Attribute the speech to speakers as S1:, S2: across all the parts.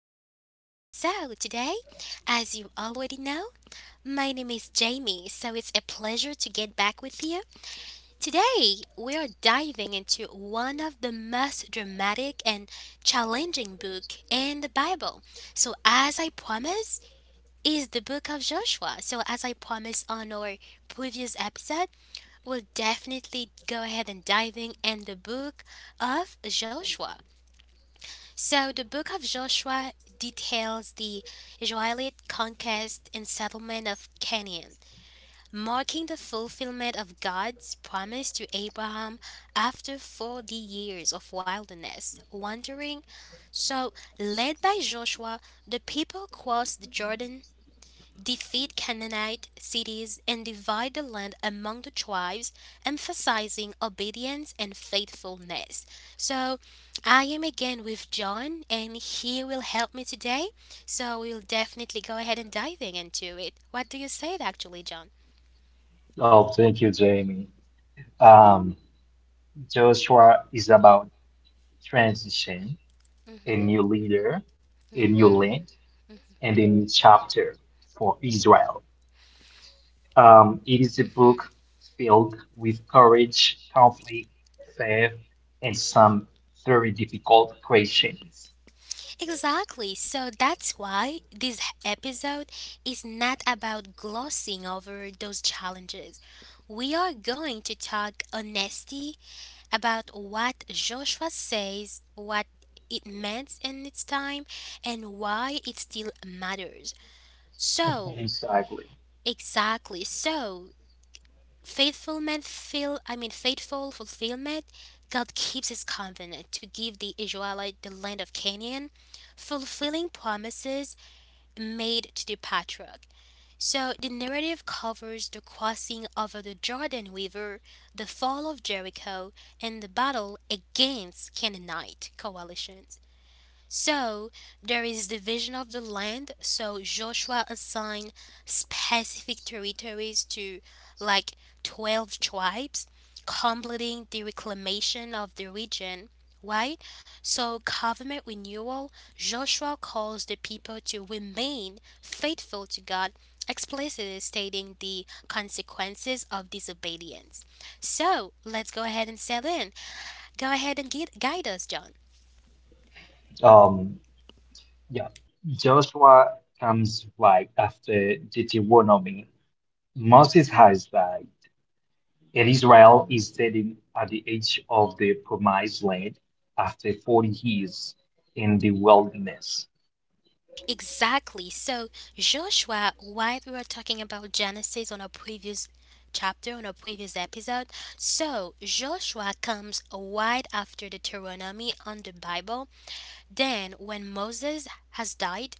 S1: to the show. Today, as you already know, my name is Jamie, so it's a pleasure to get back with you. Today, we are diving into one of the most dramatic and challenging book in the Bible. So, as I promised, is the book of Joshua. So, as I promised on our previous episode, we'll definitely go ahead and diving in the book of Joshua. So the book of Joshua details the Israelite conquest and settlement of Canaan, marking the fulfillment of God's promise to Abraham after 40 years of wilderness wandering. So, led by Joshua, the people crossed the Jordan, defeat Canaanite cities, and divide the land among the tribes, emphasizing obedience and faithfulness. So, I am again with John, and he will help me today. So, we'll definitely go ahead and diving into it. What do you say, actually, John?
S2: Oh, thank you, Jamie. Um, Joshua is about transition, a
S1: Mhm,
S2: new leader, a new
S1: mhm,
S2: land, and a new chapter for Israel. It is a
S1: mhm.
S2: book filled with courage, conflict, faith, and some very difficult questions.
S1: Exactly. So that's why this episode is not about glossing over those challenges. We are going to talk honesty about what Joshua says, what it meant in its time, and why it still matters.
S2: Mhm.
S1: So,
S2: Exactly.
S1: exactly. So, faithfulment feel I mean faithful fulfillment. God keeps his covenant to give the Israelite the land of Canaan, fulfilling promises made to the patriarch. So the narrative covers the crossing over the Jordan River, the fall of Jericho, and the battle against Canaanite coalitions. So there is division of the land. So Joshua assigned specific territories to, like, 12 tribes, completing the reclamation of the region. Right? So, covenant renewal, Joshua calls the people to remain faithful to God, explicitly stating the consequences of disobedience. So, let's go ahead and settle in. Go ahead and guide us, John.
S2: Um, yeah, Joshua comes right after Deuteronomy. Moses has died. And Israel is standing at the edge of the promised land after 40 years in the wilderness.
S1: Exactly. So, Joshua, while we were talking about Genesis on a previous chapter, on a previous episode, so Joshua comes right after Deuteronomy on the Bible. Then, when Moses has died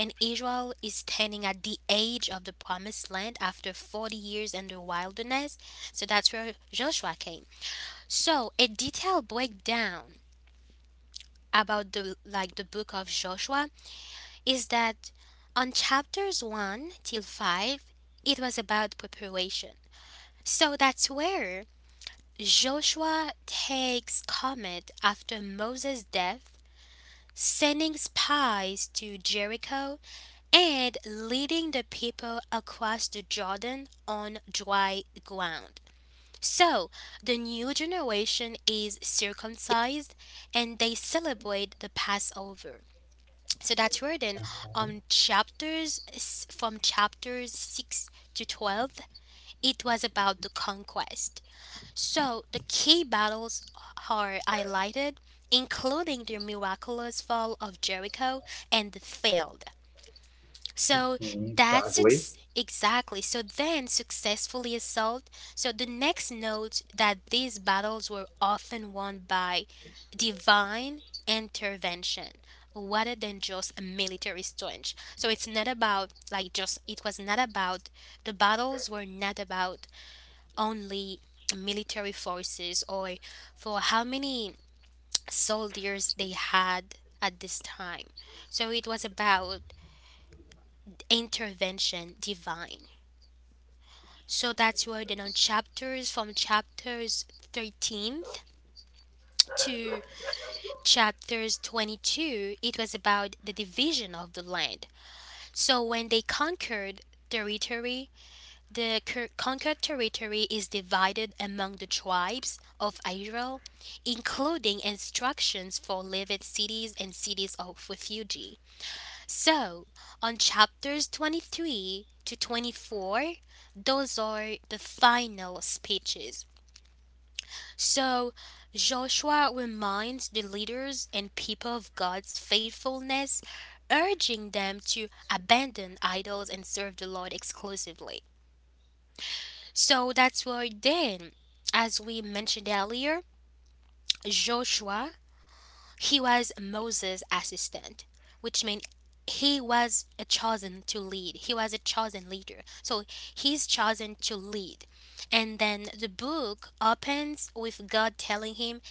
S1: and Israel is standing at the edge of the promised land after 40 years in the wilderness, so that's where Joshua came. So, a detailed breakdown about the book of Joshua is that on chapters 1 till 5, it was about preparation. So that's where Joshua takes comment after Moses' death, sending spies to Jericho and leading the people across the Jordan on dry ground. So, the new generation is circumcised and they celebrate the Passover. So that's where then from chapters 6 to 12, it was about the conquest. So the key battles are highlighted, including the miraculous fall of Jericho and the failed. So
S2: Mhm, exactly.
S1: exactly. So then successfully assault. So the next note that these battles were often won by divine intervention rather than just a military strength. So it's not about like just it was not about the battles were not about only military forces or for how many soldiers they had at this time. So it was about intervention divine. So that's worded on chapters 13th to chapters 22. It was about the division of the land. So when they conquered territory, the conquered territory is divided among the tribes of Israel, including instructions for living cities and cities of refuge. So, on chapters 23 to 24, those are the final speeches. So, Joshua reminds the leaders and people of God's faithfulness, urging them to abandon idols and serve the Lord exclusively. So, that's why then, as we mentioned earlier, Joshua, he was Moses' assistant, which means he was a chosen to lead. He was a chosen leader. So he's chosen to lead. And then the book opens with God telling him,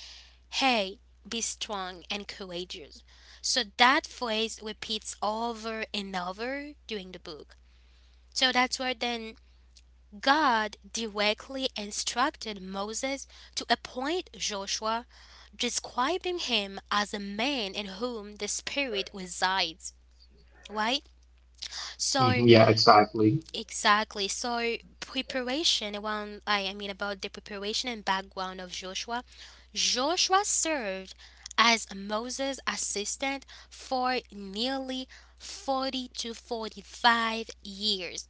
S1: "Hey, be strong and courageous." So that phrase repeats over and over during the book. So that's where then God directly instructed Moses to appoint Joshua, describing him as a man in whom the spirit resides, right?
S2: Mhm,
S1: So
S2: yeah, exactly.
S1: exactly. So preparation around I mean about the preparation and background of Joshua. Joshua served as Moses assistant for nearly 40 to 45 years,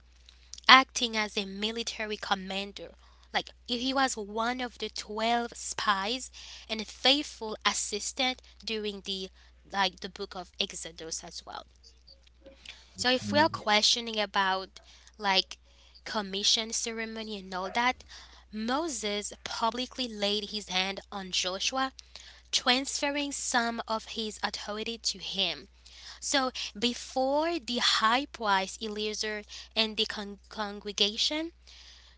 S1: acting as a military commander. Like, he was one of the 12 spies and a faithful assistant during the book of Exodus as well. So if we
S2: Mhm,
S1: are
S2: yes.
S1: questioning about, like, commission ceremony and all that, Moses publicly laid his hand on Joshua, transferring some of his authority to him. So before the high priest Eleazar and the congregation,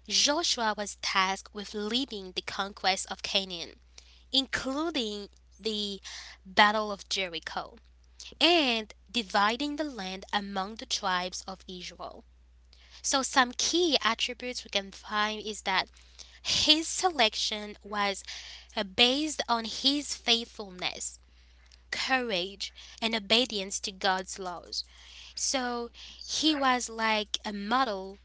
S1: Joshua was tasked with leading the conquest of Canaan, including the Battle of Jericho, and dividing the land among the tribes of Israel. So, some key attributes we can find is that his selection was based on his faithfulness. Courage and obedience to God's laws. So he was like a model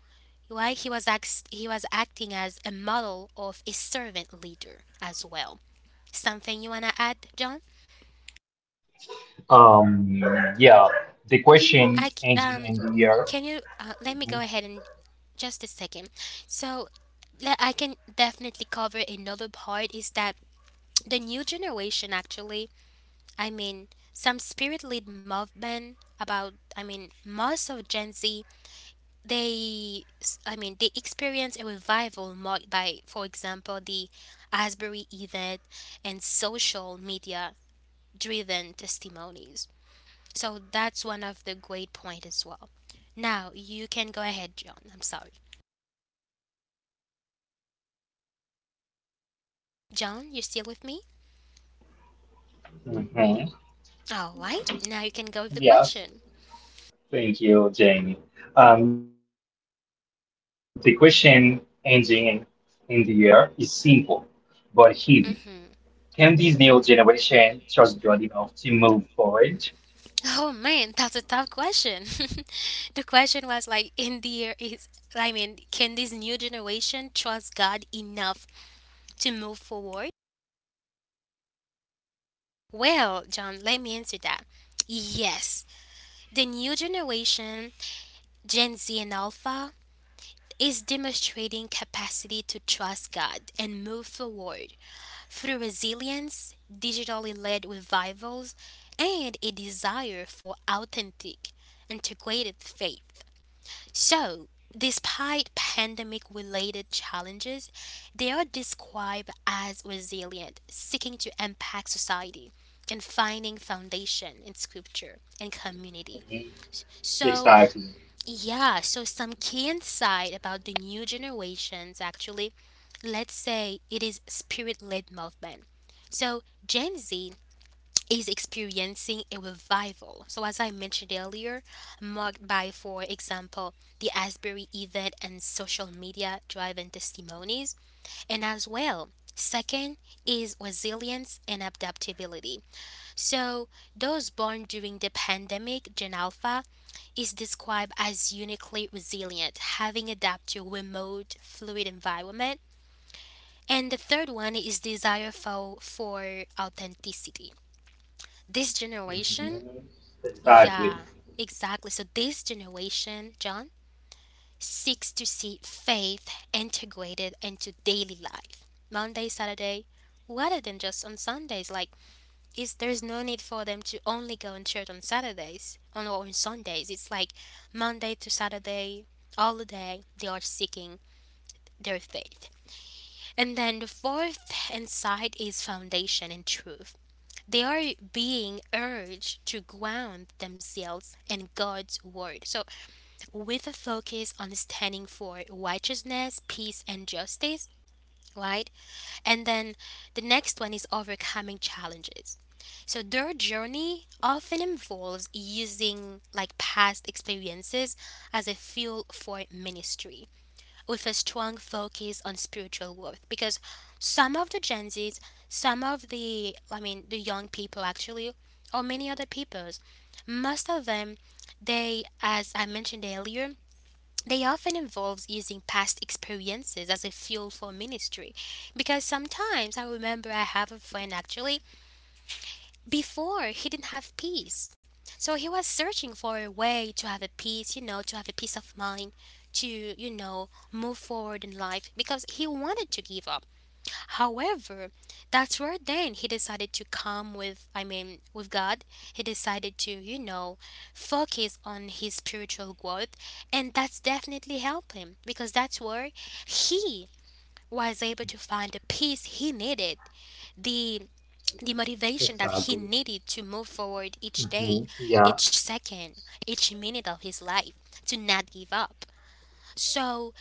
S1: why he was ex- he was acting as a model of a servant leader as well. Something you wanna add, John?
S2: Um, yeah, the
S1: I
S2: question
S1: c-
S2: engine
S1: um,
S2: in the air.
S1: can you let me go
S2: Mhm.
S1: ahead and just a second. So, I can definitely cover another part is that the new generation actually, I mean, some spirit led movement about, I mean, most of Gen Z, they s- I mean they experienced a revival marked by, for example, the Asbury event and social media driven testimonies. So that's one of the great point as well. Now you can go ahead, John. I'm sorry, John, you still with me?
S2: Mhm,
S1: All right, now you can go with the
S2: yes.
S1: question.
S2: Thank you, Jamie. The question engine in the air is simple but heavy. Can this new
S1: Mm-hmm,
S2: generation trust
S1: mm-hmm.
S2: God enough to move forward?
S1: Oh man, that's a tough question. The question was like, in the year is, I mean, can this new generation trust God enough to move forward? Well, John, let me answer that. Yes, the new generation, Gen Z and Alpha, is demonstrating capacity to trust God and move forward through resilience, digitally led revivals, and a desire for authentic, integrated faith. So, despite pandemic related challenges, they are described as resilient, seeking to impact society and finding foundation in scripture and community.
S2: Mhm.
S1: So,
S2: Exactly.
S1: yeah, so some key insight about the new generations actually, let's say it is spirit led movement. So, Gen Z is experiencing a revival. So, as I mentioned earlier, marked by, for example, the Asbury event and social media driven testimonies. And as well, second is resilience and adaptability. So, those born during the pandemic, Gen Alpha, is described as uniquely resilient, having adapted to remote, fluid environment. And the third one is desire for authenticity. This generation,
S2: Mhm. Exactly.
S1: yeah, exactly. So this generation, John, seeks to see faith integrated into daily life. Monday, Saturday, rather than just on Sundays. Like, is there's no need for them to only go in church on Saturdays on or on Sundays. It's like Monday to Saturday, all the day they are seeking their faith. And then the fourth insight is foundation and truth. They are being urged to ground themselves in God's word. So with a focus on standing for righteousness, peace, and justice, right? And then the next one is overcoming challenges. So their journey often involves using, like, past experiences as a fuel for ministry with a strong focus on spiritual growth, because some of the Gen Zs, some of the I mean the young people actually, or many other peoples, most of them, they, as I mentioned earlier, they often involve using past experiences as a fuel for ministry. Because sometimes I remember I have a friend actually, before he didn't have peace. So he was searching for a way to have a peace, you know, to have a peace of mind, to, you know, move forward in life because he wanted to give up. However, that's where then he decided to come with, I mean, with God. He decided to, you know, focus on his spiritual growth. And that's definitely helped him because that's where he was able to find the peace he needed, the the motivation that he
S2: Exactly.
S1: needed to move forward each day,
S2: Yeah.
S1: each second, each minute of his life, to not give up. So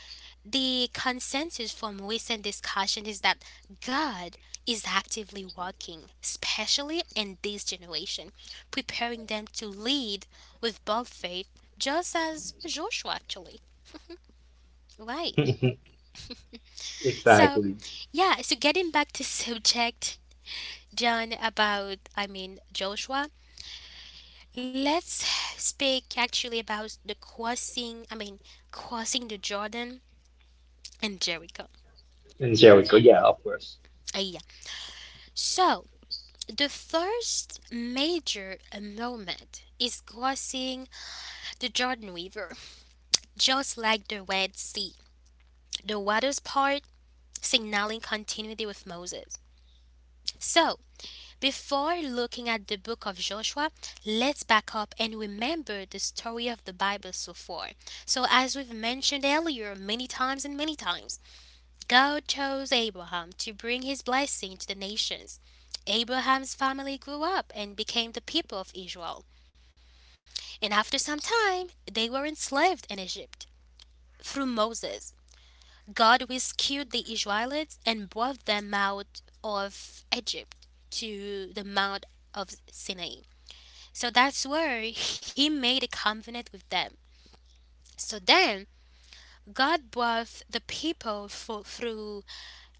S1: the consensus from recent discussion is that God is actively working, especially in this generation, preparing them to lead with bold faith, just as Joshua actually. Right. So,
S2: Exactly.
S1: yeah, so getting back to subject, John, about, I mean, Joshua, let's speak actually about the crossing, I mean, crossing the Jordan and Jericho.
S2: And Jericho, yeah, of course.
S1: Uh, yeah. So, the first major moment is crossing the Jordan River, just like the Red Sea. The waters part, signaling continuity with Moses. So, before looking at the book of Joshua, let's back up and remember the story of the Bible so far. So, as we've mentioned earlier many times and many times, God chose Abraham to bring his blessing to the nations. Abraham's family grew up and became the people of Israel. And after some time, they were enslaved in Egypt. Through Moses, God rescued the Israelites and brought them out of Egypt to the Mount of Sinai. So that's where he made a covenant with them. So then, God brought the people through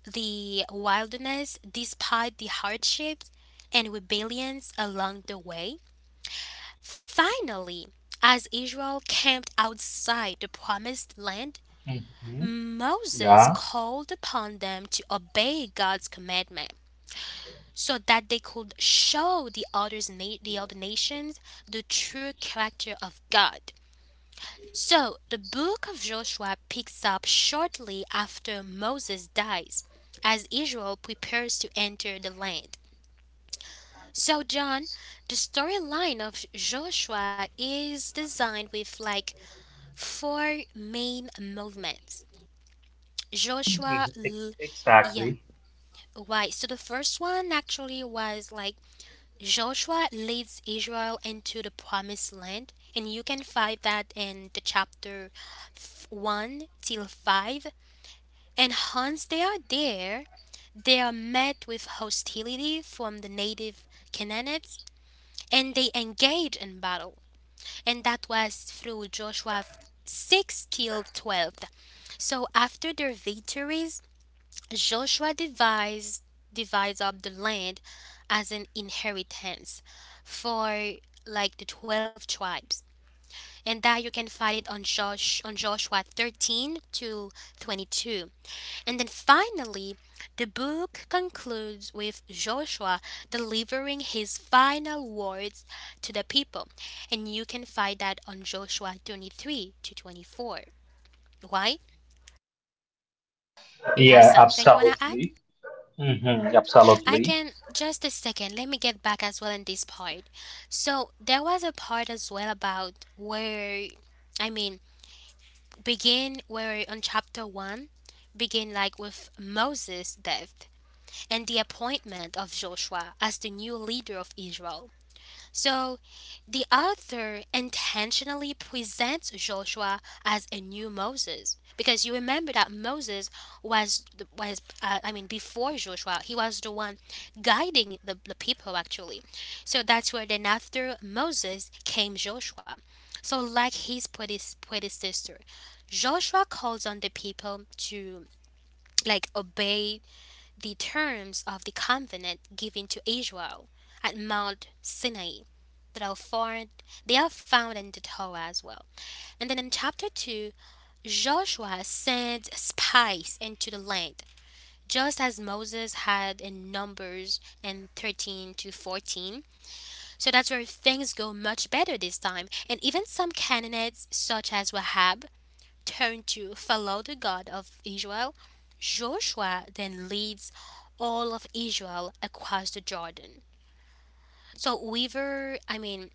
S1: the wilderness despite the hardships and rebellions along the way. Finally, as Israel camped outside the promised land,
S2: hmm
S1: Moses
S2: Yeah.
S1: called upon them to obey God's commandment so that they could show the other nations the true character of God. So the book of Joshua picks up shortly after Moses dies as Israel prepares to enter the land. So John, the storyline of Joshua is designed with like four main movements. Joshua,
S2: Mhm.
S1: l- yeah.
S2: Exactly.
S1: Right. So the first one actually was like Joshua leads Israel into the promised land. And you can find that in the chapter 1 till 5. And once they are there, they are met with hostility from the native Canaanites and they engage in battle. And that was through Joshua 6 till 12. So after their victories, Joshua divides up the land as an inheritance for like the 12 tribes. And that you can find it on Joshua 13 to 22. And then finally, the book concludes with Joshua delivering his final words to the people. And you can find that on Joshua 23 to 24. Why? You have
S2: Yeah,
S1: something you want to add?
S2: absolutely. hmm
S1: I
S2: Absolutely.
S1: can just a second. Let me get back as well in this part. So there was a part as well about where, I mean, begin where on chapter one, begin like with Moses' death and the appointment of Joshua as the new leader of Israel. So, the author intentionally presents Joshua as a new Moses because you remember that Moses was was, I mean before Joshua he was the one guiding the people actually. So that's where then after Moses came Joshua. So like his predecessor, Joshua calls on the people to like obey the terms of the covenant given to Israel at Mount Sinai that are found in the Torah as well. And then in chapter two, Joshua sends spies into the land, just as Moses had in Numbers and 13 to 14. So that's where things go much better this time. And even some Canaanites such as Wahab turn to follow the God of Israel, Joshua then leads all of Israel across the Jordan. So Weaver, I mean,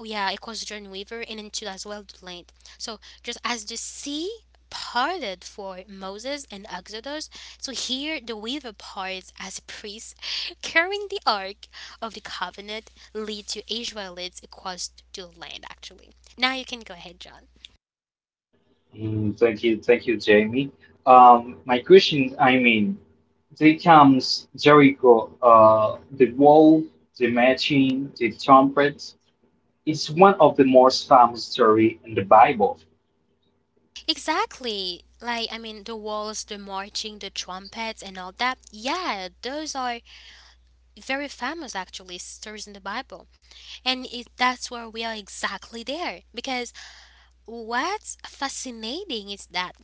S1: yeah, across the Jordan Weaver and into as well the land. So just as the sea parted for Moses and Exodus, so here the Weaver parts as priests carrying the Ark of the Covenant lead to Israelites across the land actually. Now you can go ahead, John.
S2: Mm, thank you, thank you, Jamie. My question, there comes Jericho, the wall, the machine, the trumpet. It's one of the most famous story in the Bible.
S1: Exactly. Like, I mean, the walls, the marching, the trumpets, and all that. Yeah, those are very famous, actually, stories in the Bible. And that's where we are exactly there. Because what's fascinating is that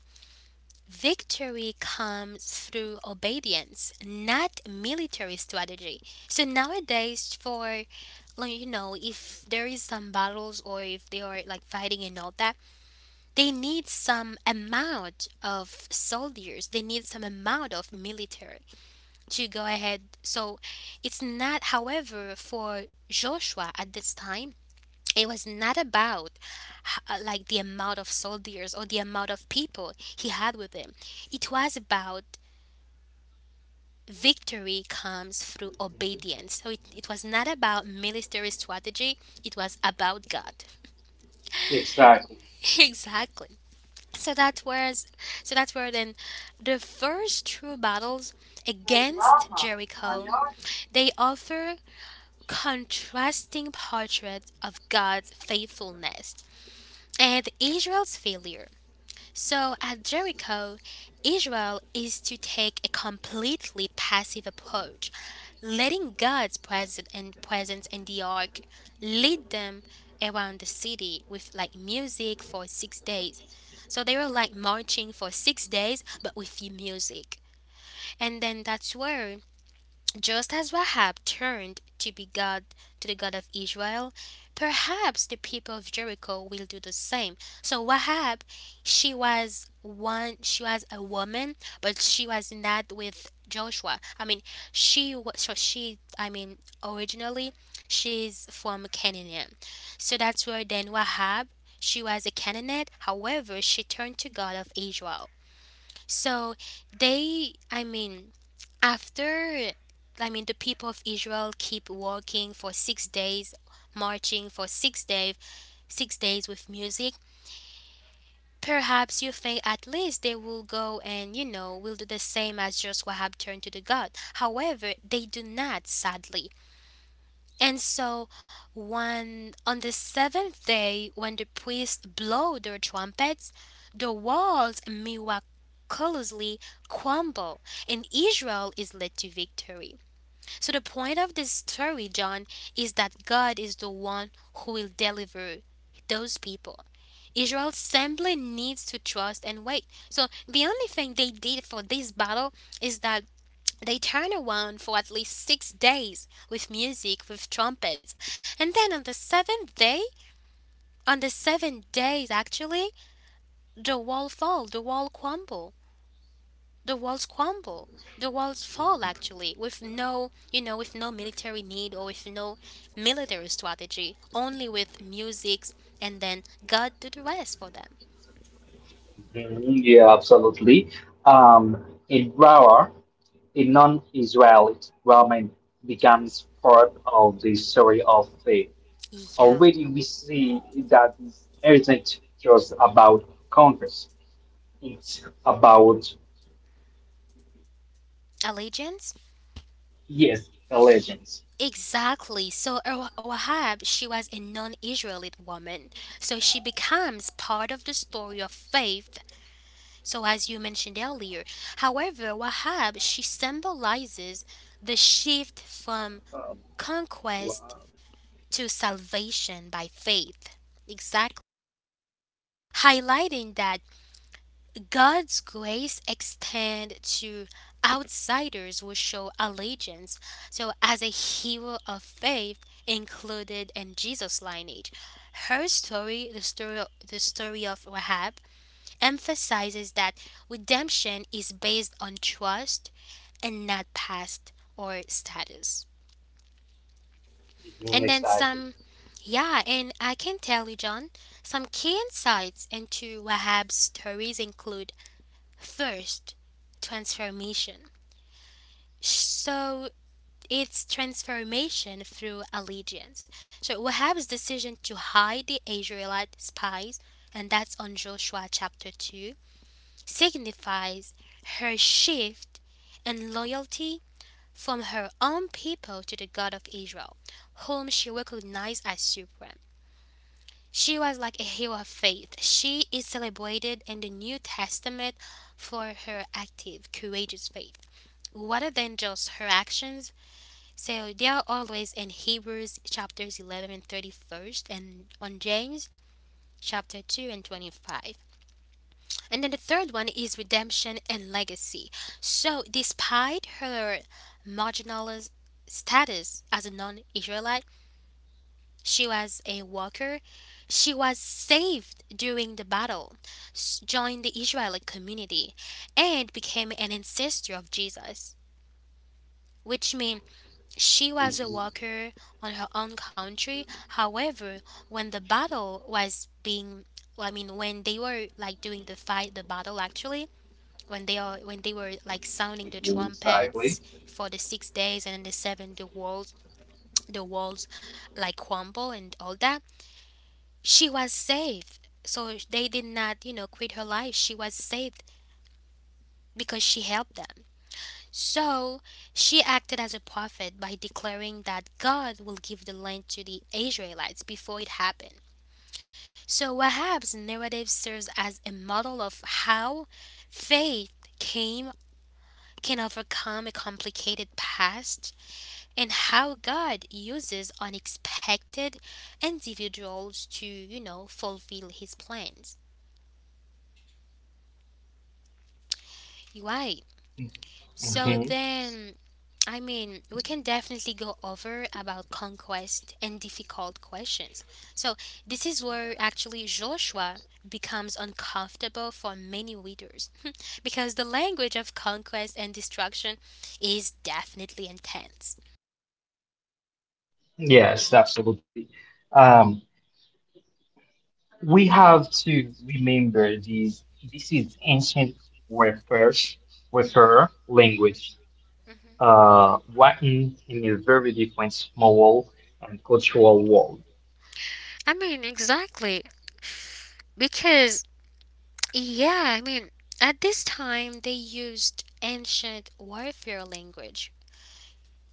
S1: victory comes through obedience, not military strategy. So nowadays, for like, if there is some battles or if they are like fighting and all that, they need some amount of soldiers, they need some amount of military to go ahead. So it's not, however, for Joshua at this time. It was not about like the amount of soldiers or the amount of people he had with him. It was about victory comes through obedience. So it was not about military strategy, it was about God.
S2: Exactly.
S1: Exactly. So that was so that were then the first true battles against Jericho. They offer contrasting portraits of God's faithfulness and Israel's failure. So at Jericho, Israel is to take a completely passive approach letting God's presence and presence in the ark lead them around the city with like music for 6 days. So they were like marching for 6 days, but with the music. And then that's where just as Rahab turned to be God to the God of Israel, perhaps the people of Jericho will do the same. So Rahab, she was a woman, but she was not with Joshua. I mean, she was so she I mean originally she's from Canaan. So that's where then Rahab she was a Canaanite, however, she turned to God of Israel. So they, I mean, after, I mean, the people of Israel keep walking for 6 days, marching for 6 days, 6 days with music. Perhaps you think at least they will go and will do the same as Joshua have turned to the God. However, they do not, sadly. And so, one on the seventh day, when the priests blow their trumpets, the walls miraculously crumble, and Israel is led to victory. So, the point of this story, John, is that God is the one who will deliver those people. Israel simply needs to trust and wait. So, the only thing they did for this battle is that they turn around for at least 6 days with music, with trumpets, and then on the seventh day, on the 7 days actually, the wall fall, the wall crumble, the walls fall actually, with no, with no military need or with no military strategy, only with music, and then God do the rest for them.
S2: Mhm, yeah, absolutely. Um, in Brahma, a non-Israelite Brahmin becomes part of the story of faith.
S1: Yeah,
S2: Already we see that it's not just about conquest. It's about
S1: allegiance.
S2: yes legends
S1: Exactly. So Rahab, she was a non-Israelite woman. So she becomes part of the story of faith. So as you mentioned earlier, however, Rahab, she symbolizes the shift from
S2: um,
S1: conquest to salvation by faith. Exactly. Highlighting that God's grace extend to outsiders who show allegiance. So as a hero of faith included in Jesus' lineage. Her story, the story of Rahab, emphasizes that redemption is based on trust and not past or status. And then
S2: exactly.
S1: some yeah, and I can tell you, John, some key insights into Rahab's stories include First, transformation. So it's transformation through allegiance. So Wahab's decision to hide the Israelite spies, and that's on Joshua chapter 2, signifies her shift in loyalty from her own people to the God of Israel, whom she recognized as supreme. She was like a hero of faith. She is celebrated in the New Testament for her active, courageous faith, rather than just her actions. So they are always in Hebrews chapters 11 and 31st and on James chapter 2 and 25. And then the third one is redemption and legacy. So despite her marginalized status as a non-Israelite, she was a worker. She was saved during the battle, joined the Israelite community, and became an ancestor of Jesus, which means she was a
S2: Mhm.
S1: worker on her own country. However, when the battle was being, well, I mean, when they were like doing the fight, the battle actually, when they were like
S2: Exactly.
S1: sounding the trumpets for the six days and the seven, the walls, like crumble and all that. She was saved, so they did not, quit her life. She was saved because she helped them. So she acted as a prophet by declaring that God will give the land to the Israelites before it happened. So Wahab's narrative serves as a model of how faith came can overcome a complicated past and how God uses unexpected individuals to, fulfill his plans. Right. So
S2: Mhm.
S1: then I mean, we can definitely go over about conquest and difficult questions. So, this is where actually Joshua becomes uncomfortable for many readers because the language of conquest and destruction is definitely intense.
S2: Yes, absolutely. um, we
S1: Hmm.
S2: have to remember these this is ancient warfare warfare
S1: Hmm.
S2: language, written in a very different moral and cultural world.
S1: I mean, exactly. Because, yeah, I mean, at this time they used ancient warfare language.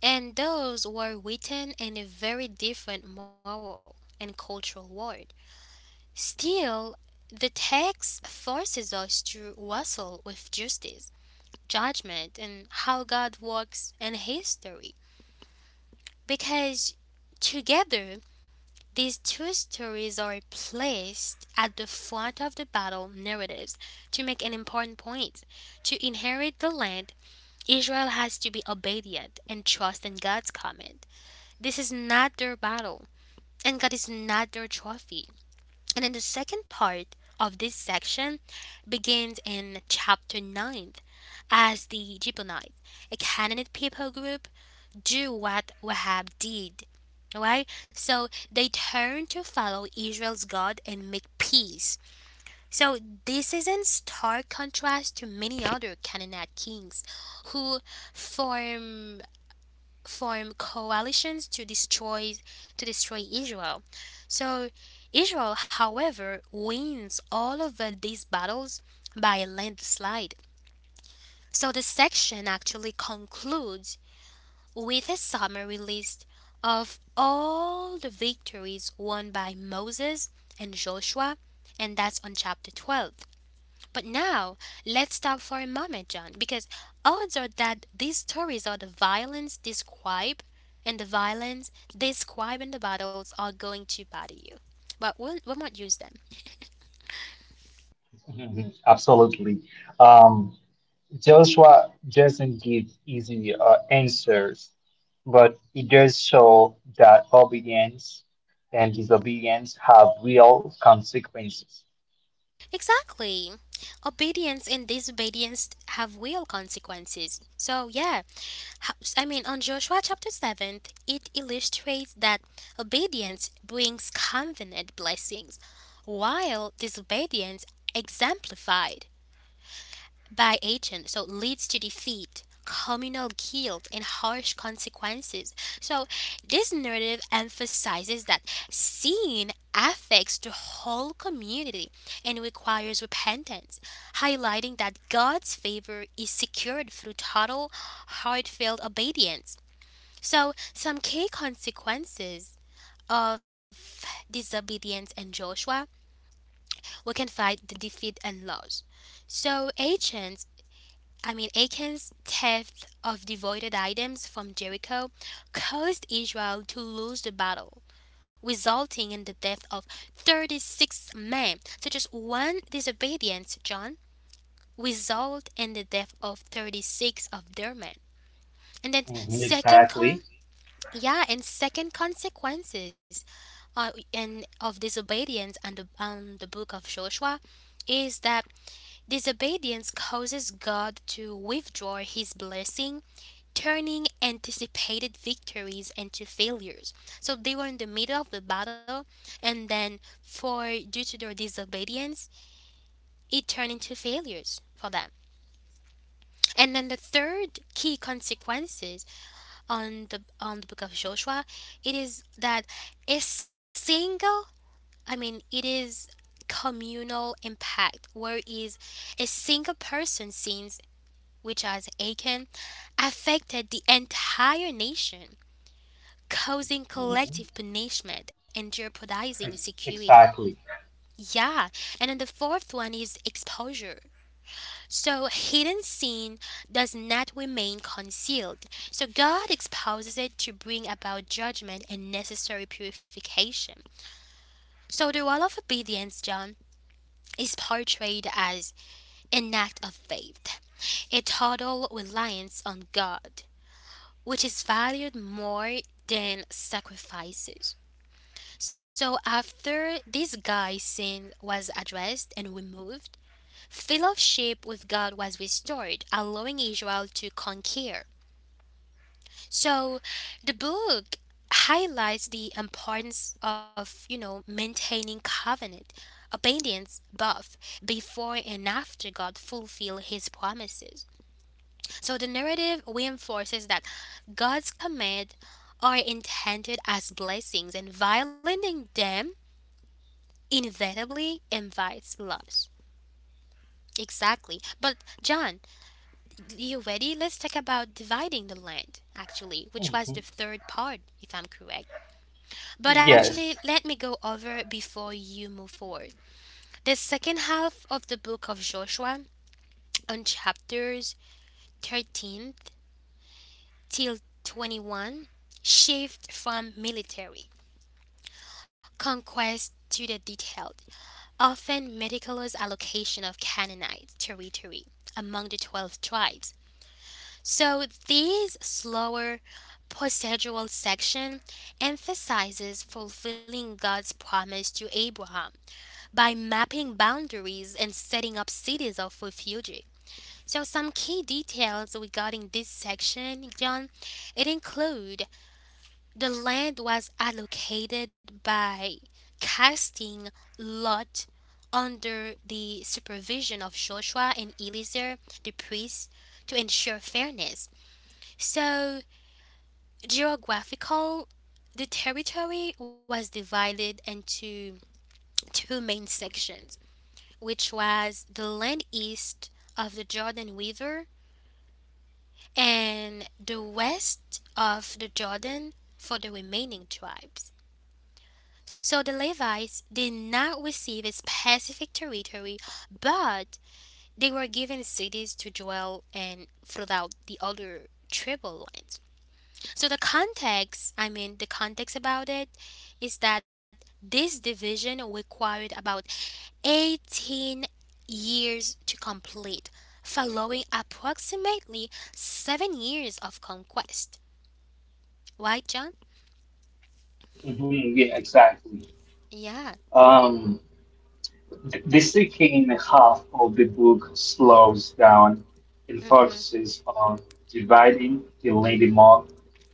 S1: And those were written in a very different moral and cultural world. Still, the text forces us to wrestle with justice, judgment, and how God works in history. Because together, these two stories are placed at the front of the battle narratives to make an important point. To inherit the land, Israel has to be obedient and trust in God's command. This is not their battle, and God is not their trophy. And then the second part of this section begins in chapter 9 as the Gibeonites, a Canaanite people group, do what Wahab did. Right? So they turn to follow Israel's God and make peace. So this is in stark contrast to many other Canaanite kings who form form coalitions to destroy Israel. So Israel, however, wins all of these battles by a landslide. So the section actually concludes with a summary list of all the victories won by Moses and Joshua, and that's on chapter 12. But now, let's stop for a moment, John, because odds are that these stories of the violence describe and the violence describe and the battles are going to bother you. But we will not use them.
S2: Mhm, absolutely. um, Joshua doesn't give easy answers, but he does show that obedience and disobedience have real consequences.
S1: Exactly. Obedience and disobedience have real consequences. So, yeah, on Joshua chapter 7, it illustrates that obedience brings covenant blessings, while disobedience exemplified by agent so leads to defeat communal guilt and harsh consequences. So this narrative emphasizes that sin affects the whole community and requires repentance, highlighting that God's favor is secured through total heartfelt obedience. So some key consequences of disobedience in Joshua, we can find the defeat and loss. So, Achan's theft of devoted items from Jericho caused Israel to lose the battle, resulting in the death of 36 men. So just one disobedience, John, result in the death of 36 of their men. And then
S2: Mhm, exactly.
S1: second consequences and of disobedience and on the book of Joshua is that disobedience causes God to withdraw his blessing, turning anticipated victories into failures. So they were in the middle of the battle, and then for due to their disobedience, it turned into failures for them. And then the third key consequences on the book of Joshua, it is that a single, I mean, it is communal impact, where is a single person's sins, which as Achan, affected the entire nation, causing
S2: Mhm,
S1: collective punishment and jeopardizing security.
S2: exactly.
S1: Yeah, and then the fourth one is exposure. So hidden sin does not remain concealed. So God exposes it to bring about judgment and necessary purification. So the wall of obedience, John, is portrayed as an act of faith, a total reliance on God, which is valued more than sacrifices. So after this guy's sin was addressed and removed, fellowship with God was restored, allowing Israel to conquer. So the book highlights the importance of, maintaining covenant obedience both before and after God fulfill his promises. So the narrative reinforces that God's command are intended as blessings and violating them inevitably invites loss. Exactly. But John, you ready? Let's talk about dividing the land, actually, which was
S2: Mhm,
S1: the third part, if I'm correct. But actually,
S2: yes.
S1: let me go over before you move forward. The second half of the book of Joshua, on chapters 13 till 21, shift from military conquest to the detailed Often, Medicalo's allocation of Canaanite territory among the 12 tribes. So, this slower procedural section emphasizes fulfilling God's promise to Abraham by mapping boundaries and setting up cities of refuge. So, some key details regarding this section, John, it include the land was allocated by casting lot under the supervision of Joshua and Eliezer the priests to ensure fairness. So, geographical the territory was divided into two main sections, which was the land east of the Jordan River and the west of the Jordan for the remaining tribes. So the Levites did not receive a specific territory, but they were given cities to dwell in throughout the other tribal lines. So the context about it is that this division required about 18 years to complete, following approximately 7 years of conquest. Right, John?
S2: Mhm, yeah, exactly.
S1: Yeah.
S2: Um, the second half of the book slows down and
S1: Mhm.
S2: focuses on dividing the lady mob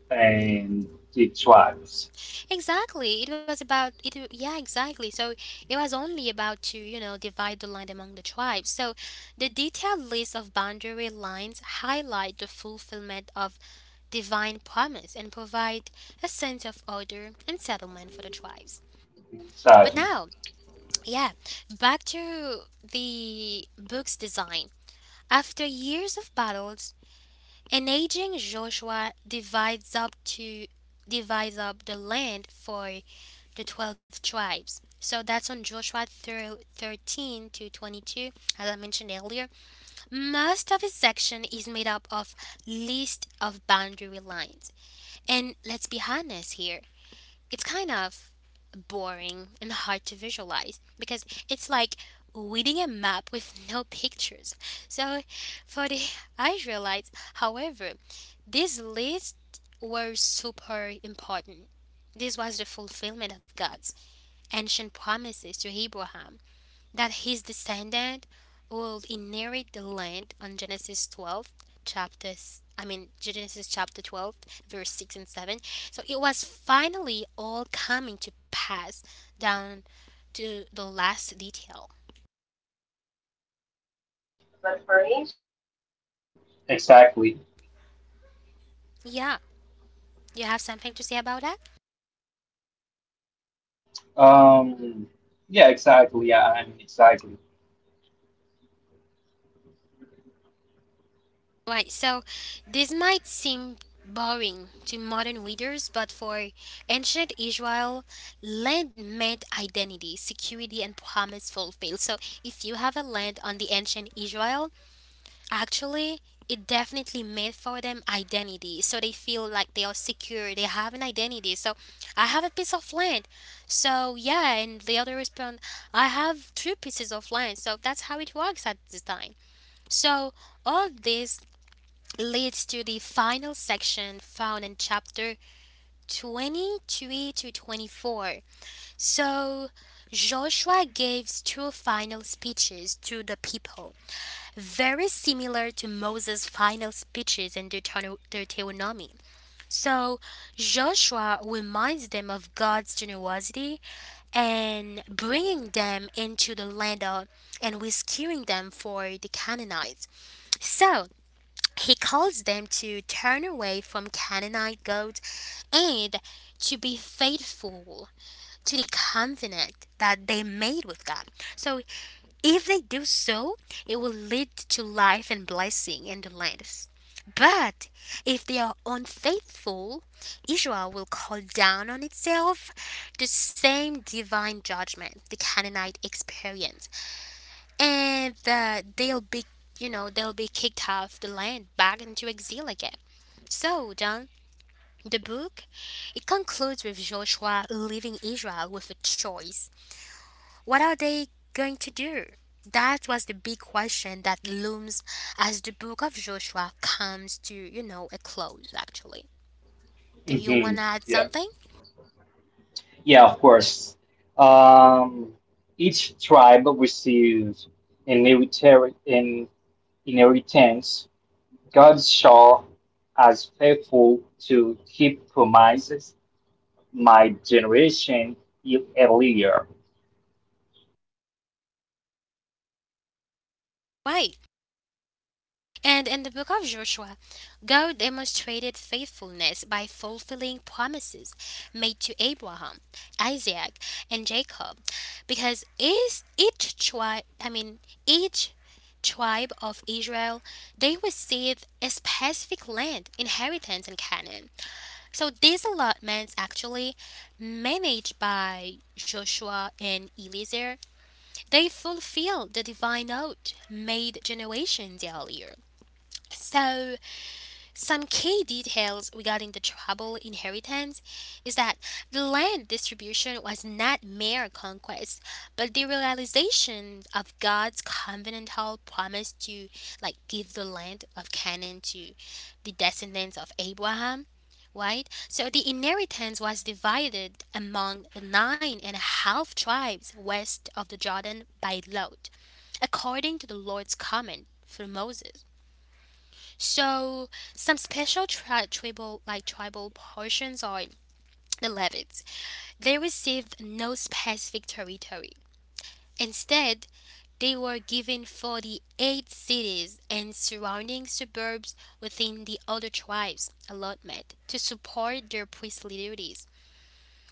S2: and the tribes.
S1: Exactly. It was about it. W- Yeah, exactly. So it was only about to, you know, divide the land among the tribes. So the detailed list of boundary lines highlight the fulfillment of divine promise and provide a sense of order and settlement for the tribes. But now,
S2: Exactly.
S1: yeah, back to the book's design. After years of battles, an aging Joshua divides up the land for the 12 tribes. So that's on 13 to 22, as I mentioned earlier. Most of his section is made up of list of boundary lines. And let's be honest here, it's kind of boring and hard to visualize because it's like reading a map with no pictures. So, for the Israelites, however, these lists were super important. This was the fulfillment of God's ancient promises to Abraham that his descendant will inherit the land on Genesis 12 chapter s- I mean Genesis chapter 12 verse 6 and 7. So it was finally all coming to pass down to the last detail.
S2: But for me, exactly.
S1: Yeah. You have something to say about that?
S2: Um, yeah, exactly. Yeah, exactly.
S1: Right. So this might seem boring to modern readers, but for ancient Israel, land meant identity, security, and promise fulfilled. So if you have a land on the ancient Israel, actually, it definitely made for them identity. So they feel like they are secure. They have an identity. So I have a piece of land. So yeah, and the other respond, I have two pieces of land. So that's how it works at this time. So all this leads to the final section found in chapter 23 to 24. So Joshua gives two final speeches to the people very similar to Moses' final speeches in Deuteronomy. So Joshua reminds them of God's generosity and bringing them into the land of, and rescuing them for the Canaanites. So he calls them to turn away from Canaanite gods and to be faithful to the covenant that they made with God. So if they do so, it will lead to life and blessing in the land. But if they are unfaithful, Israel will call down on itself the same divine judgment the Canaanite experienced, and they'll be, you know, they'll be kicked off the land back into exile again. So, John, the book it concludes with Joshua leaving Israel with a choice: what are they going to do? That was the big question that looms as the book of Joshua comes to, you know, a close actually. Do you
S2: hmm
S1: want to add
S2: Yeah.
S1: something?
S2: Yeah, of course. Um, each tribe receives an inheritance God saw as faithful to keep promises my generation earlier.
S1: Right. And in the book of Joshua, God demonstrated faithfulness by fulfilling promises made to Abraham, Isaac, and Jacob, because is each tribe of Israel, they received a specific land inheritance in Canaan. So these allotments actually managed by Joshua and Eliezer, they fulfill the divine oath made generations earlier. So some key details regarding the tribal inheritance is that the land distribution was not mere conquest, but the realization of God's covenantal promise to like give the land of Canaan to the descendants of Abraham, right? So the inheritance was divided among the nine and a half tribes west of the Jordan by lot, according to the Lord's command through Moses. So some special tri- tribal like tribal portions are the Levites. They received no specific territory. Instead, they were given 48 cities and surrounding suburbs within the other tribes' allotment to support their priestly duties,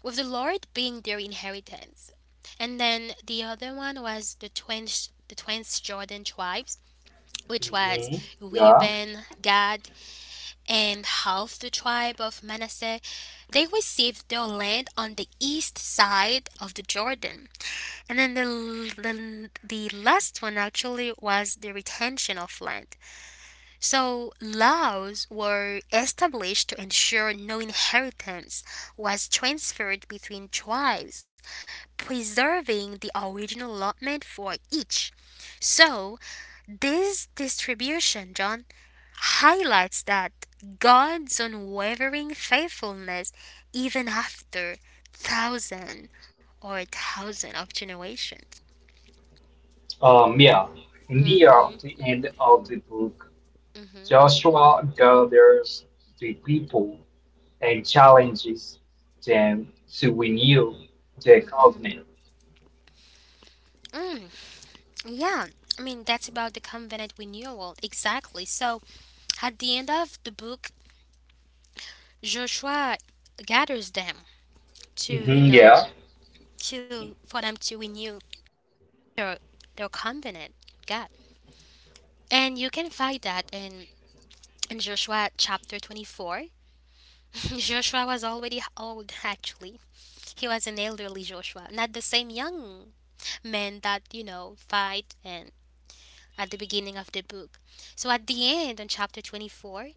S1: with the Lord being their inheritance. And then the other one was the twins Jordan tribes, which was
S2: hmm Yeah.
S1: Reuben, Gad, and half the tribe of Manasseh, they received their land on the east side of the Jordan. And then the last one actually was the retention of land. So laws were established to ensure no inheritance was transferred between tribes, preserving the original allotment for each. So this distribution, John, highlights that God's unwavering faithfulness even after thousand thousand of generations.
S2: Um, yeah. Near the end of the book,
S1: Hmm.
S2: Joshua gathers the people and challenges them to renew the covenant.
S1: Mm, yeah, that's about the covenant renewal. Exactly. So, at the end of the book, Joshua gathers them to, you know,
S2: Yeah.
S1: to for them to renew their, their covenant. God. And you can find that in Joshua chapter 24. Joshua was already old, actually. He was an elderly Joshua, not the same young man that, you know, fight and at the beginning of the book. So at the end, on chapter 24,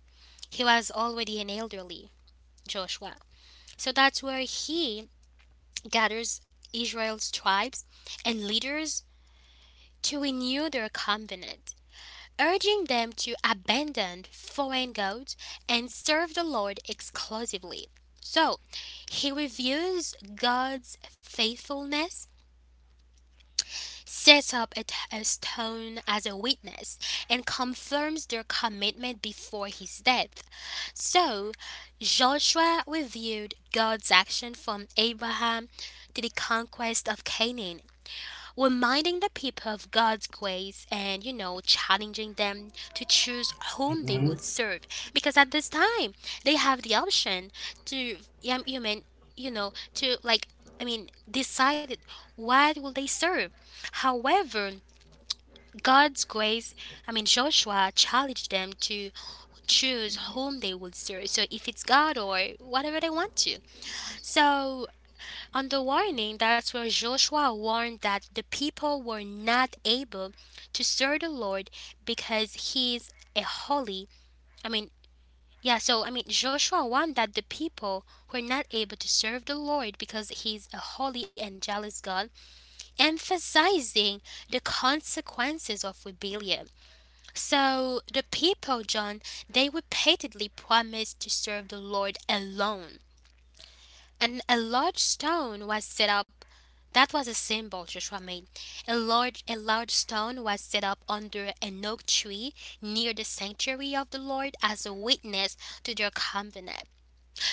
S1: he was already an elderly Joshua. So that's where he gathers Israel's tribes and leaders to renew their covenant, urging them to abandon foreign gods and serve the Lord exclusively. So, he reviews God's faithfulness, sets up a stone as a witness, and confirms their commitment before his death. So, Joshua reviewed God's action from Abraham to the conquest of Canaan, reminding the people of God's grace and, you know, challenging them to choose whom they
S2: hmm
S1: will serve. Because at this time, they have the option to, yeah, you mean, you know, to like, I mean, decided what will they serve. However, God's grace, I mean, Joshua challenged them to choose whom they will serve. So if it's God or whatever they want to. So on the warning, that's where Joshua warned that the people were not able to serve the Lord because he's a holy. I mean, Joshua warned that the people were not able to serve the Lord because he's a holy and jealous God, emphasizing the consequences of rebellion. So the people, John, they repeatedly promised to serve the Lord alone and a large stone was set up. That was a symbol Joshua made. A large stone was set up under an oak tree near the sanctuary of the Lord as a witness to their covenant.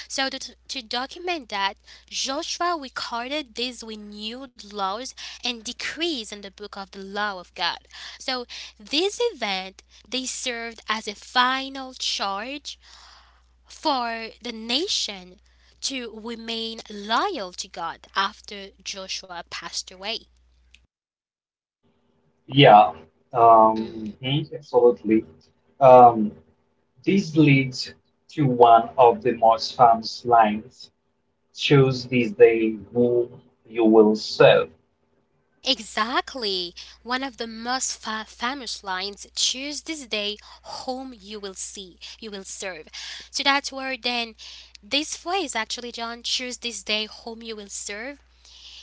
S1: So to document that, Joshua recorded these renewed laws and decrees in the book of the law of God. So this event they served as a final charge for the nation to remain loyal to God after Joshua passed away.
S2: Yeah,
S1: Mhm.
S2: absolutely. Um, this leads to one of the most famous lines: choose this day whom you will serve.
S1: Exactly. One of the most famous lines: choose this day whom you will you will serve. So that's where then this phrase actually, John, choose this day whom you will serve.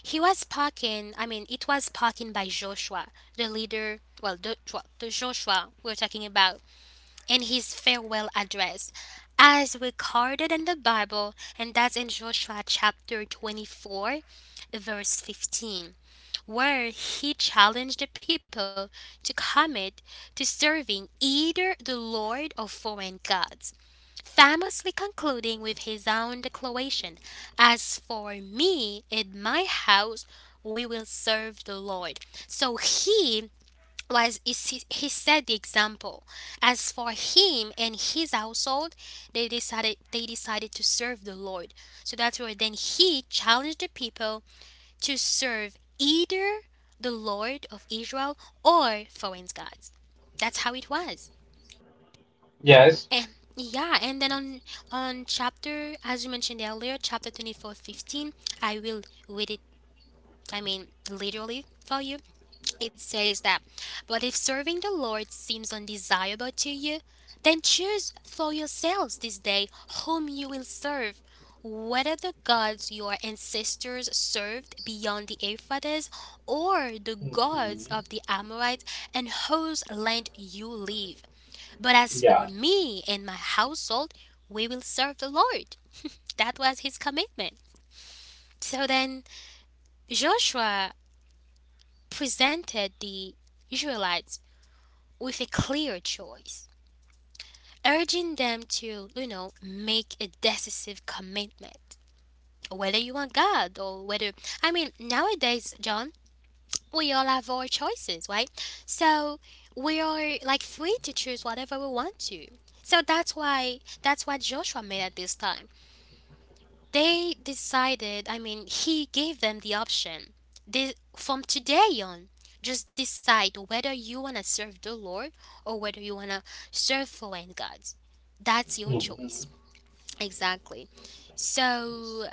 S1: He was spoken, I mean, it was spoken by Joshua, the leader, well, the Joshua we're talking about in his farewell address, as recorded in the Bible, and that's in Joshua chapter 24, verse 15, where he challenged the people to commit to serving either the Lord or foreign gods, famously concluding with his own declaration, "As for me and my house, we will serve the Lord." So he he set the example. As for him and his household, they decided to serve the Lord. So that's where then he challenged the people to serve either the Lord of Israel or foreign gods. That's how it was.
S2: Yes.
S1: And yeah, and then on chapter, as you mentioned earlier, chapter 24:15. I will read it, I mean, literally for you. It says that, "But if serving the Lord seems undesirable to you, then choose for yourselves this day whom you will serve, whether the gods your ancestors served beyond the Euphrates or the gods
S2: Mhm.
S1: of the Amorites and whose land you live. But as
S2: Yeah.
S1: for me and my household, we will serve the Lord." That was his commitment. So then Joshua presented the Israelites with a clear choice, urging them to make a decisive commitment. Whether you want God or whether, I mean, nowadays, John, we all have our choices, right? So we are like free to choose whatever we want to. So that's why that's what Joshua made at this time. They decided, I mean, he gave them the option. This, from today on, just decide whether you want to serve the Lord or whether you want to serve foreign gods. That's your
S2: hmm
S1: choice. Exactly. So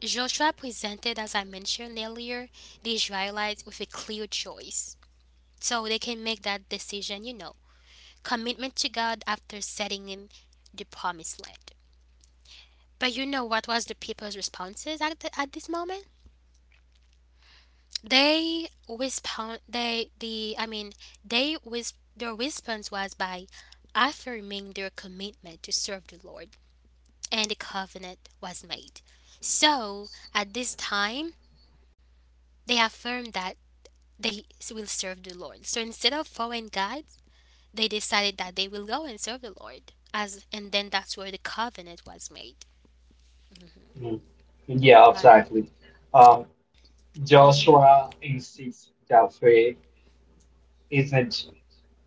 S1: Joshua presented, as I mentioned earlier, the Israelites with a clear choice. So they can make that decision, commitment to God after setting in the promised land. But you know what was the people's responses at, the, at this moment? They respond. They the I mean they wis Their response was by affirming their commitment to serve the Lord, and a covenant was made. So at this time, they affirmed that they will serve the Lord. So instead of following guides, they decided that they will go and serve the Lord. As and then that's where the covenant was made.
S2: Mm. Yeah,
S1: Right.
S2: exactly. Um,
S1: Mhm.
S2: Joshua insists that faith isn't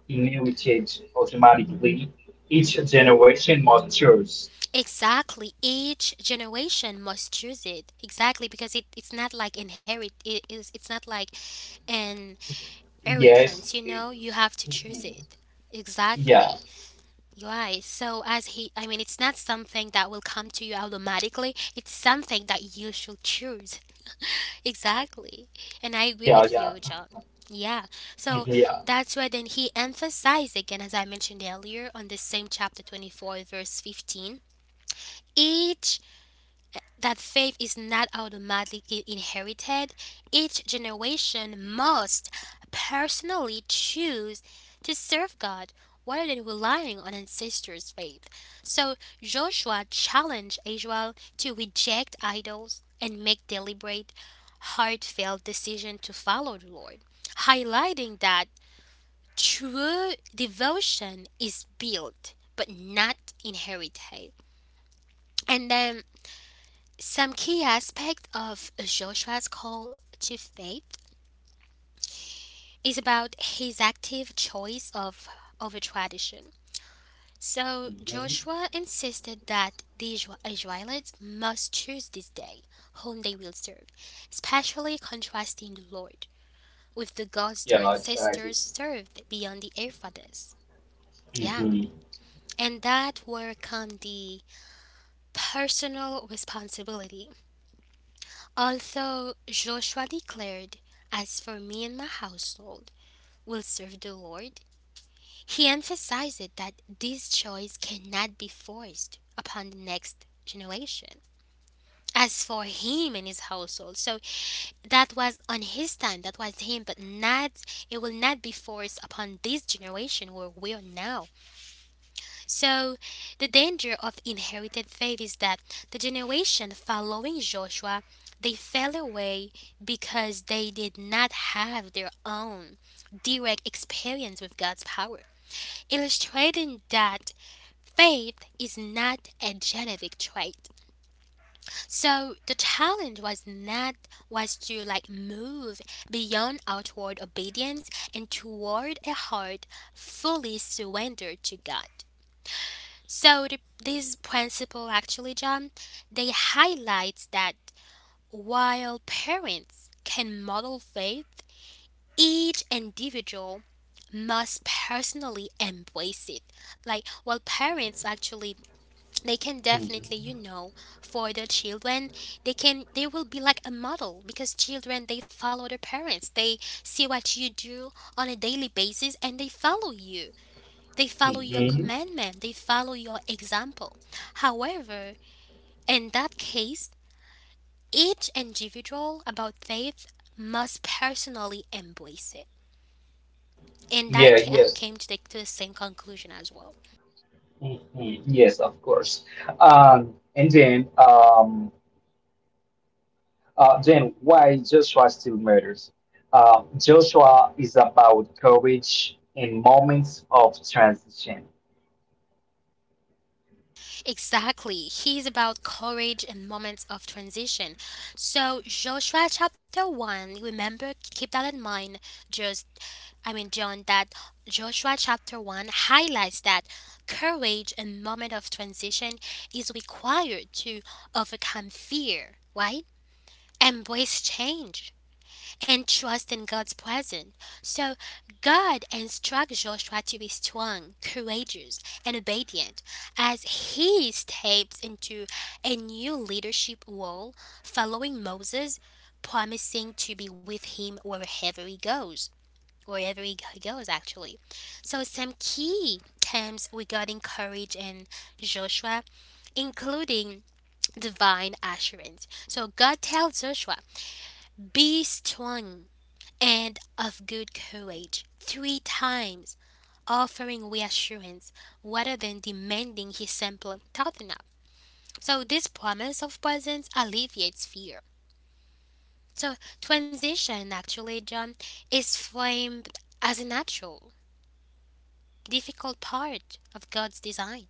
S2: inherited automatically. Each generation matures.
S1: Exactly. Each generation must choose it. Exactly because it's not like an inheritance,
S2: Yes.
S1: you know? You have to choose
S2: Mhm.
S1: it.
S2: Yeah.
S1: Exactly. Right. So as he I mean it's not something that will come to you automatically. It's something that you should choose. Exactly. And I agree
S2: Yeah.
S1: with
S2: Yeah.
S1: you, John. Yeah.
S2: Mhm,
S1: So
S2: yeah.
S1: that's why then he emphasized again, as I mentioned earlier, on the same chapter 24 verse 15. Each That faith is not automatically inherited. Each generation must personally choose to serve God rather than relying on ancestors' faith. So Joshua challenged Israel to reject idols and make deliberate, heartfelt decision to follow the Lord, highlighting that true devotion is built but not inherited. And then some key aspect of Joshua's call to faith is about his active choice of over tradition. So
S2: Mhm.
S1: Joshua insisted that the Israelites must choose this day whom they will serve, especially contrasting the Lord with the gods their
S2: Yeah. Exactly.
S1: ancestors served beyond the Euphrates. Yeah,
S2: hmm
S1: and that were come the personal responsibility. Although Joshua declared, "As for me and my household, we'll serve the Lord," he emphasized that this choice cannot be forced upon the next generation. As for him and his household, so that was on his time, that was him, but not, it will not be forced upon this generation where we are now. So, the danger of inherited faith is that the generation following Joshua they fell away because they did not have their own direct experience with God's power, illustrating that faith is not a genetic trait. So the challenge was not was to like move beyond outward obedience and toward a heart fully surrendered to God. So the, this principle actually, John, they highlights that while parents can model faith, each individual must personally embrace it. Like well parents actually they can
S2: hmm
S1: definitely, for their children, they can they will be like a model because children they follow their parents. They see what you do on a daily basis and they follow you. They follow your commandment, they follow your example. However, in that case, each individual about faith must personally embrace it. And I
S2: Yeah.
S1: have
S2: Yes.
S1: came to the same conclusion as well.
S2: hmm Yes. Of course. And then. Then why Joshua still matters? Joshua is about courage in moments of transition.
S1: Exactly. He's about courage and moments of transition. So, Joshua chapter 1, remember, keep that in mind. Just, I mean, John, that Joshua chapter 1 highlights that courage and moment of transition is required to overcome fear, right? Embrace change and trust in God's presence. So God instructs Joshua to be strong, courageous, and obedient as he steps into a new leadership role following Moses, promising to be with him wherever he goes. Wherever he goes, actually. So, some key terms regarding courage in Joshua, including divine assurance. So, God tells Joshua, "Be strong and of good courage," three times, offering reassurance rather than demanding his simple toughen up. So this promise of presence alleviates fear. So transition actually, John, is framed as a natural, difficult part of God's design.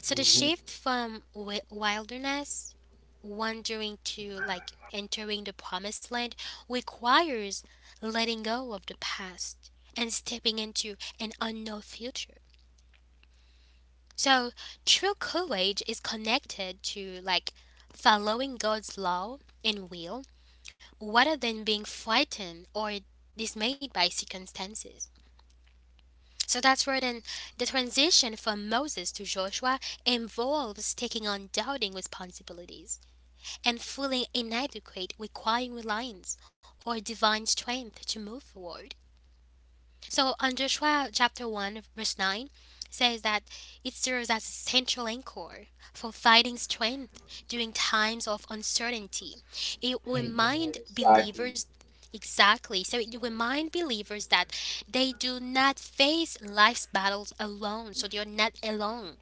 S1: So the
S2: Mhm,
S1: shift from wilderness wandering to like entering the promised land requires letting go of the past and stepping into an unknown future. So true courage is connected to like following God's law and will rather than being frightened or dismayed by circumstances. So that's where then the transition from Moses to Joshua involves taking on doubting responsibilities and fully inadequate, requiring reliance or divine strength to move forward. So, on Joshua chapter 1, verse 9, says that it serves as a central anchor for fighting strength during times of uncertainty. It
S2: mhm,
S1: reminds
S2: Exactly.
S1: believers. Exactly. So it reminds believers that they do not face life's battles alone. So they're not alone.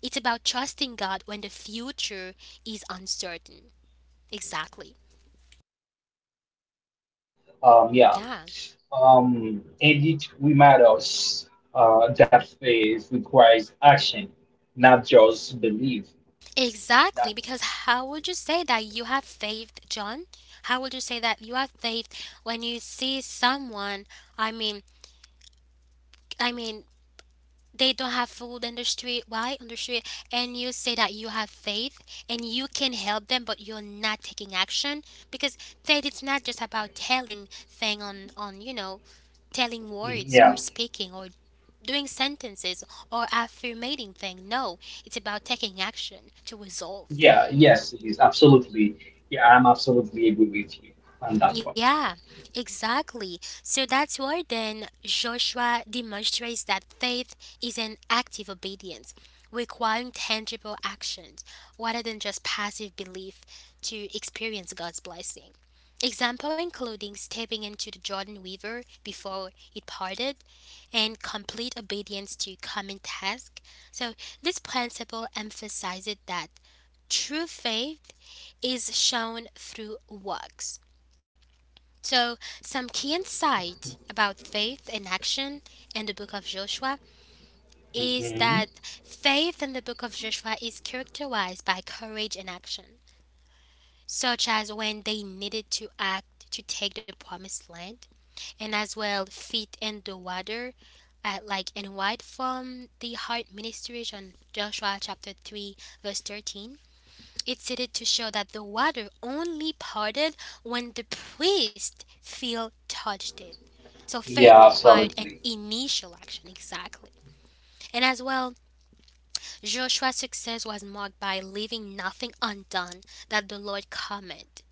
S1: It's about trusting God when the future is uncertain. Exactly.
S2: Um, yeah.
S1: Yeah,
S2: And it reminds us that faith requires action, not just belief. Yeah.
S1: exactly. Because how would you say that you have faith, John? How would you say that you have faith when you see someone? I mean, I mean, they don't have food in the street. Why on the street? And you say that you have faith and you can help them, but you're not taking action because faith is not just about telling thing telling
S2: Mhm,
S1: words or
S2: yeah.
S1: speaking or doing sentences or affirmating thing. No, it's about taking action to resolve.
S2: Yeah. Yes, it is absolutely. Yeah, I'm absolutely agree with you on that point.
S1: Yeah, exactly. So that's why then Joshua demonstrates that faith is an active obedience, requiring tangible actions rather than just passive belief to experience God's blessing. Example including stepping into the Jordan River before it parted and complete obedience to common task. So this principle emphasizes that true faith is shown through works. So some key insight about faith in action in the book of Joshua is
S2: hmm
S1: that faith in the book of Joshua is characterized by courage in action, such as when they needed to act to take the promised land, and as well feet in the water, like in white from the heart ministration, Joshua chapter 3, verse 13. It's stated to show that the water only parted when the priest feel touched it. So faith
S2: Yeah,
S1: required an
S2: absolutely.
S1: initial action, exactly. And as well, Joshua's success was marked by leaving nothing undone that the Lord commanded.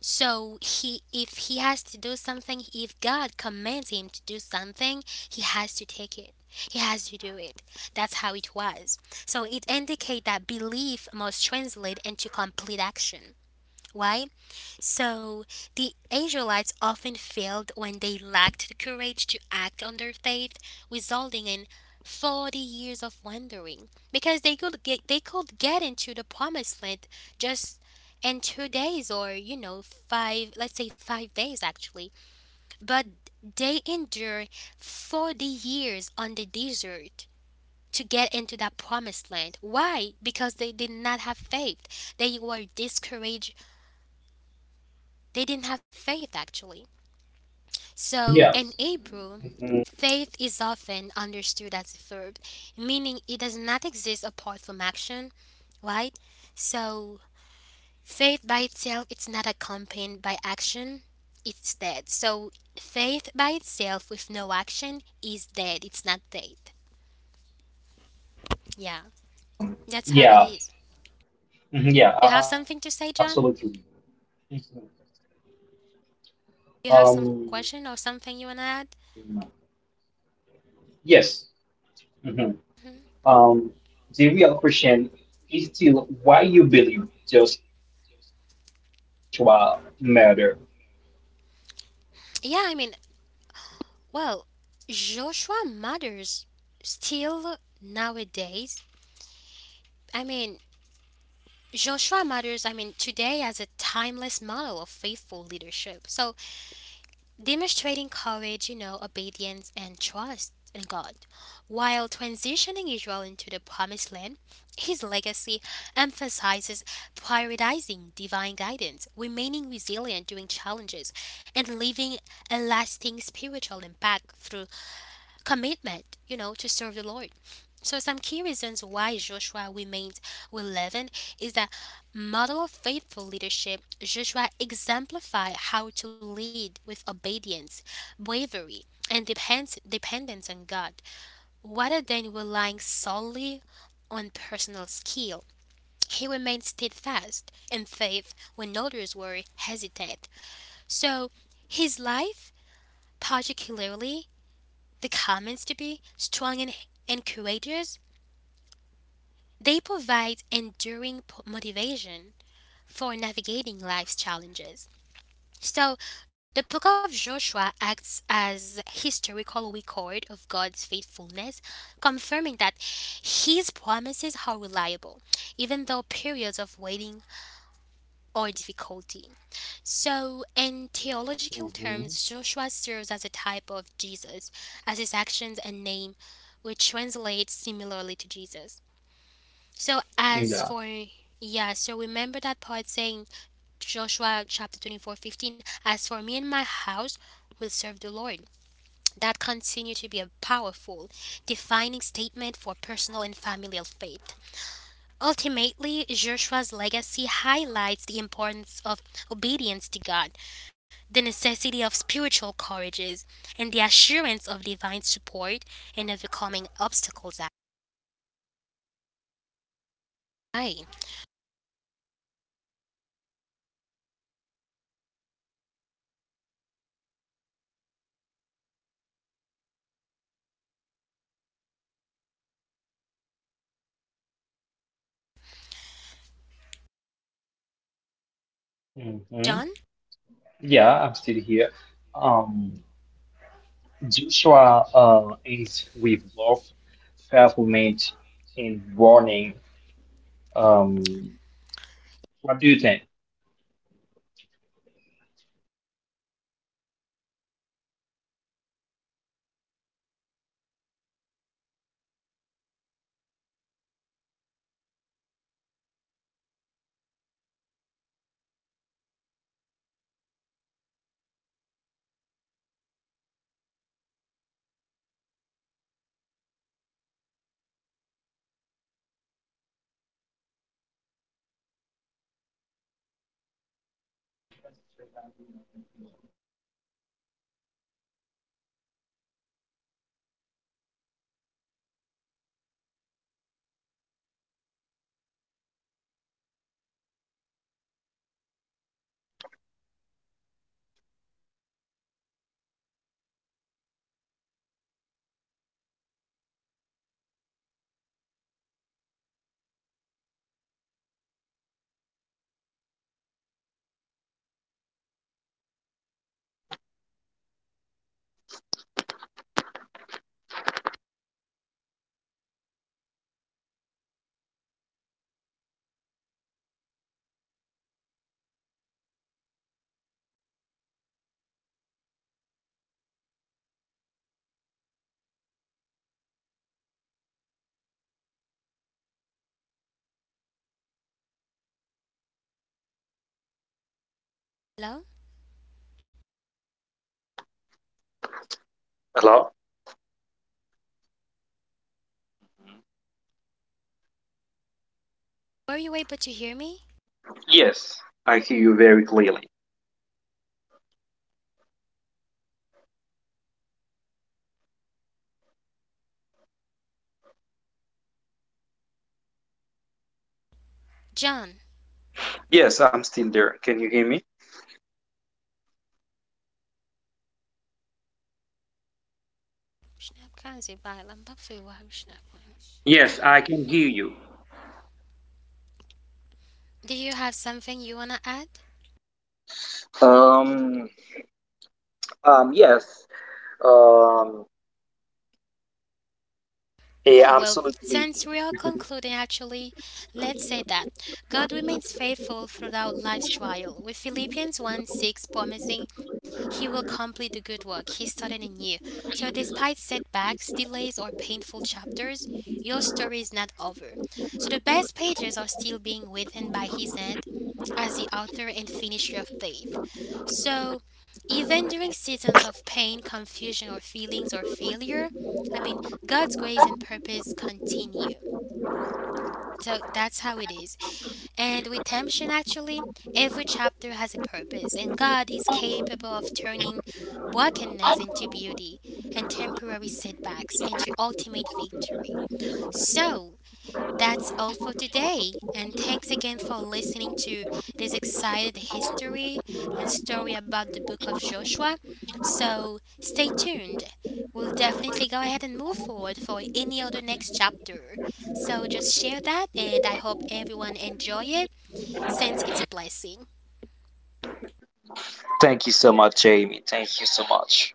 S1: So he if he has to do something, if God commands him to do something, he has to take it. He has to do it. That's how it was. So it indicates that belief must translate into complete action. Why? So the Israelites often failed when they lacked the courage to act on their faith, resulting in 40 years of wandering because they could get into the promised land just in 2 days or you know 5 let's say 5 days actually but they endure 40 years on the desert to get into that promised land. Why? Because they did not have faith. They were discouraged. They didn't have faith actually. So in
S2: Yes.
S1: Hebrew,
S2: Mm-hmm.
S1: faith is often understood as a verb, meaning it does not exist apart from action, right? So faith by itself it's not accompanied by action. It's dead. So faith by itself with no action is dead. It's not faith. Yeah,
S2: Um,
S1: that's how it
S2: yeah,
S1: is. You have something to
S2: Absolutely.
S1: say, John?
S2: Mhm.
S1: You have some question or something you
S2: Um,
S1: wanna add?
S2: yes. hmm
S1: Mhm.
S2: Um, the real question is still why you believe Joshua murdered.
S1: Yeah, I mean, well, Joshua matters still nowadays. I mean, Joshua matters, I mean, today as a timeless model of faithful leadership. So, demonstrating courage, obedience, and trust in God. While transitioning Israel into the promised land, his legacy emphasizes prioritizing divine guidance, remaining resilient during challenges, and leaving a lasting spiritual impact through commitment, to serve the Lord. So some key reasons why Joshua remains relevant is that model of faithful leadership. Joshua exemplified how to lead with obedience, bravery, and dependence on God, rather than relying solely on personal skill. He remained steadfast in faith when others were hesitant. So his life, particularly the comments to be strong and encouragers. They provide enduring motivation for navigating life's challenges. So, the book of Joshua acts as historical record of God's faithfulness, confirming that his promises are reliable, even though periods of waiting or difficulty. So, in theological
S2: hmm
S1: terms, Joshua serves as a type of Jesus, as his actions and name, which translates similarly to Jesus. So, as
S2: Yeah.
S1: for yeah, so remember that part saying Joshua chapter 24:15. As for me and my house, will serve the Lord. That continue to be a powerful, defining statement for personal and familial faith. Ultimately, Joshua's legacy highlights the importance of obedience to God, the necessity of spiritual courages, and the assurance of divine support in overcoming obstacles. Hi,
S2: hmm
S1: John?
S2: Yeah, I'm still here. Um, Joshua ends with love, fulfillment, and warning. Um, what do you think?
S1: Hello?
S2: Hello?
S1: Were you able to hear me?
S2: Yes, I hear you very clearly.
S1: John?
S2: Yes, I'm still there. Can you hear me? Yes, I can hear you.
S1: Do you have something you want to add?
S2: Uh, uh, um,
S1: No,
S2: yeah.
S1: well, since we are concluding actually, let's say that God remains faithful throughout life's trial, with Philippians 1:6 promising he will complete the good work he started in you. So, despite setbacks, delays, or painful chapters, your story is not over. So, the best pages are still being written by his hand as the author and finisher of faith. So, even during seasons of pain, confusion, or feelings or failure, I mean, God's grace and purpose continue. So that's how it is. And with temptation, actually, every chapter has a purpose, and God is capable of turning brokenness into beauty and temporary setbacks into ultimate victory. So, that's all for today, and thanks again for listening to this excited history and story about the book of Joshua. So stay tuned. We'll definitely go ahead and move forward for any other next chapter. So just share that, and I hope everyone enjoy it since it's a blessing.
S2: Thank you so much, Jamie. Thank you so much.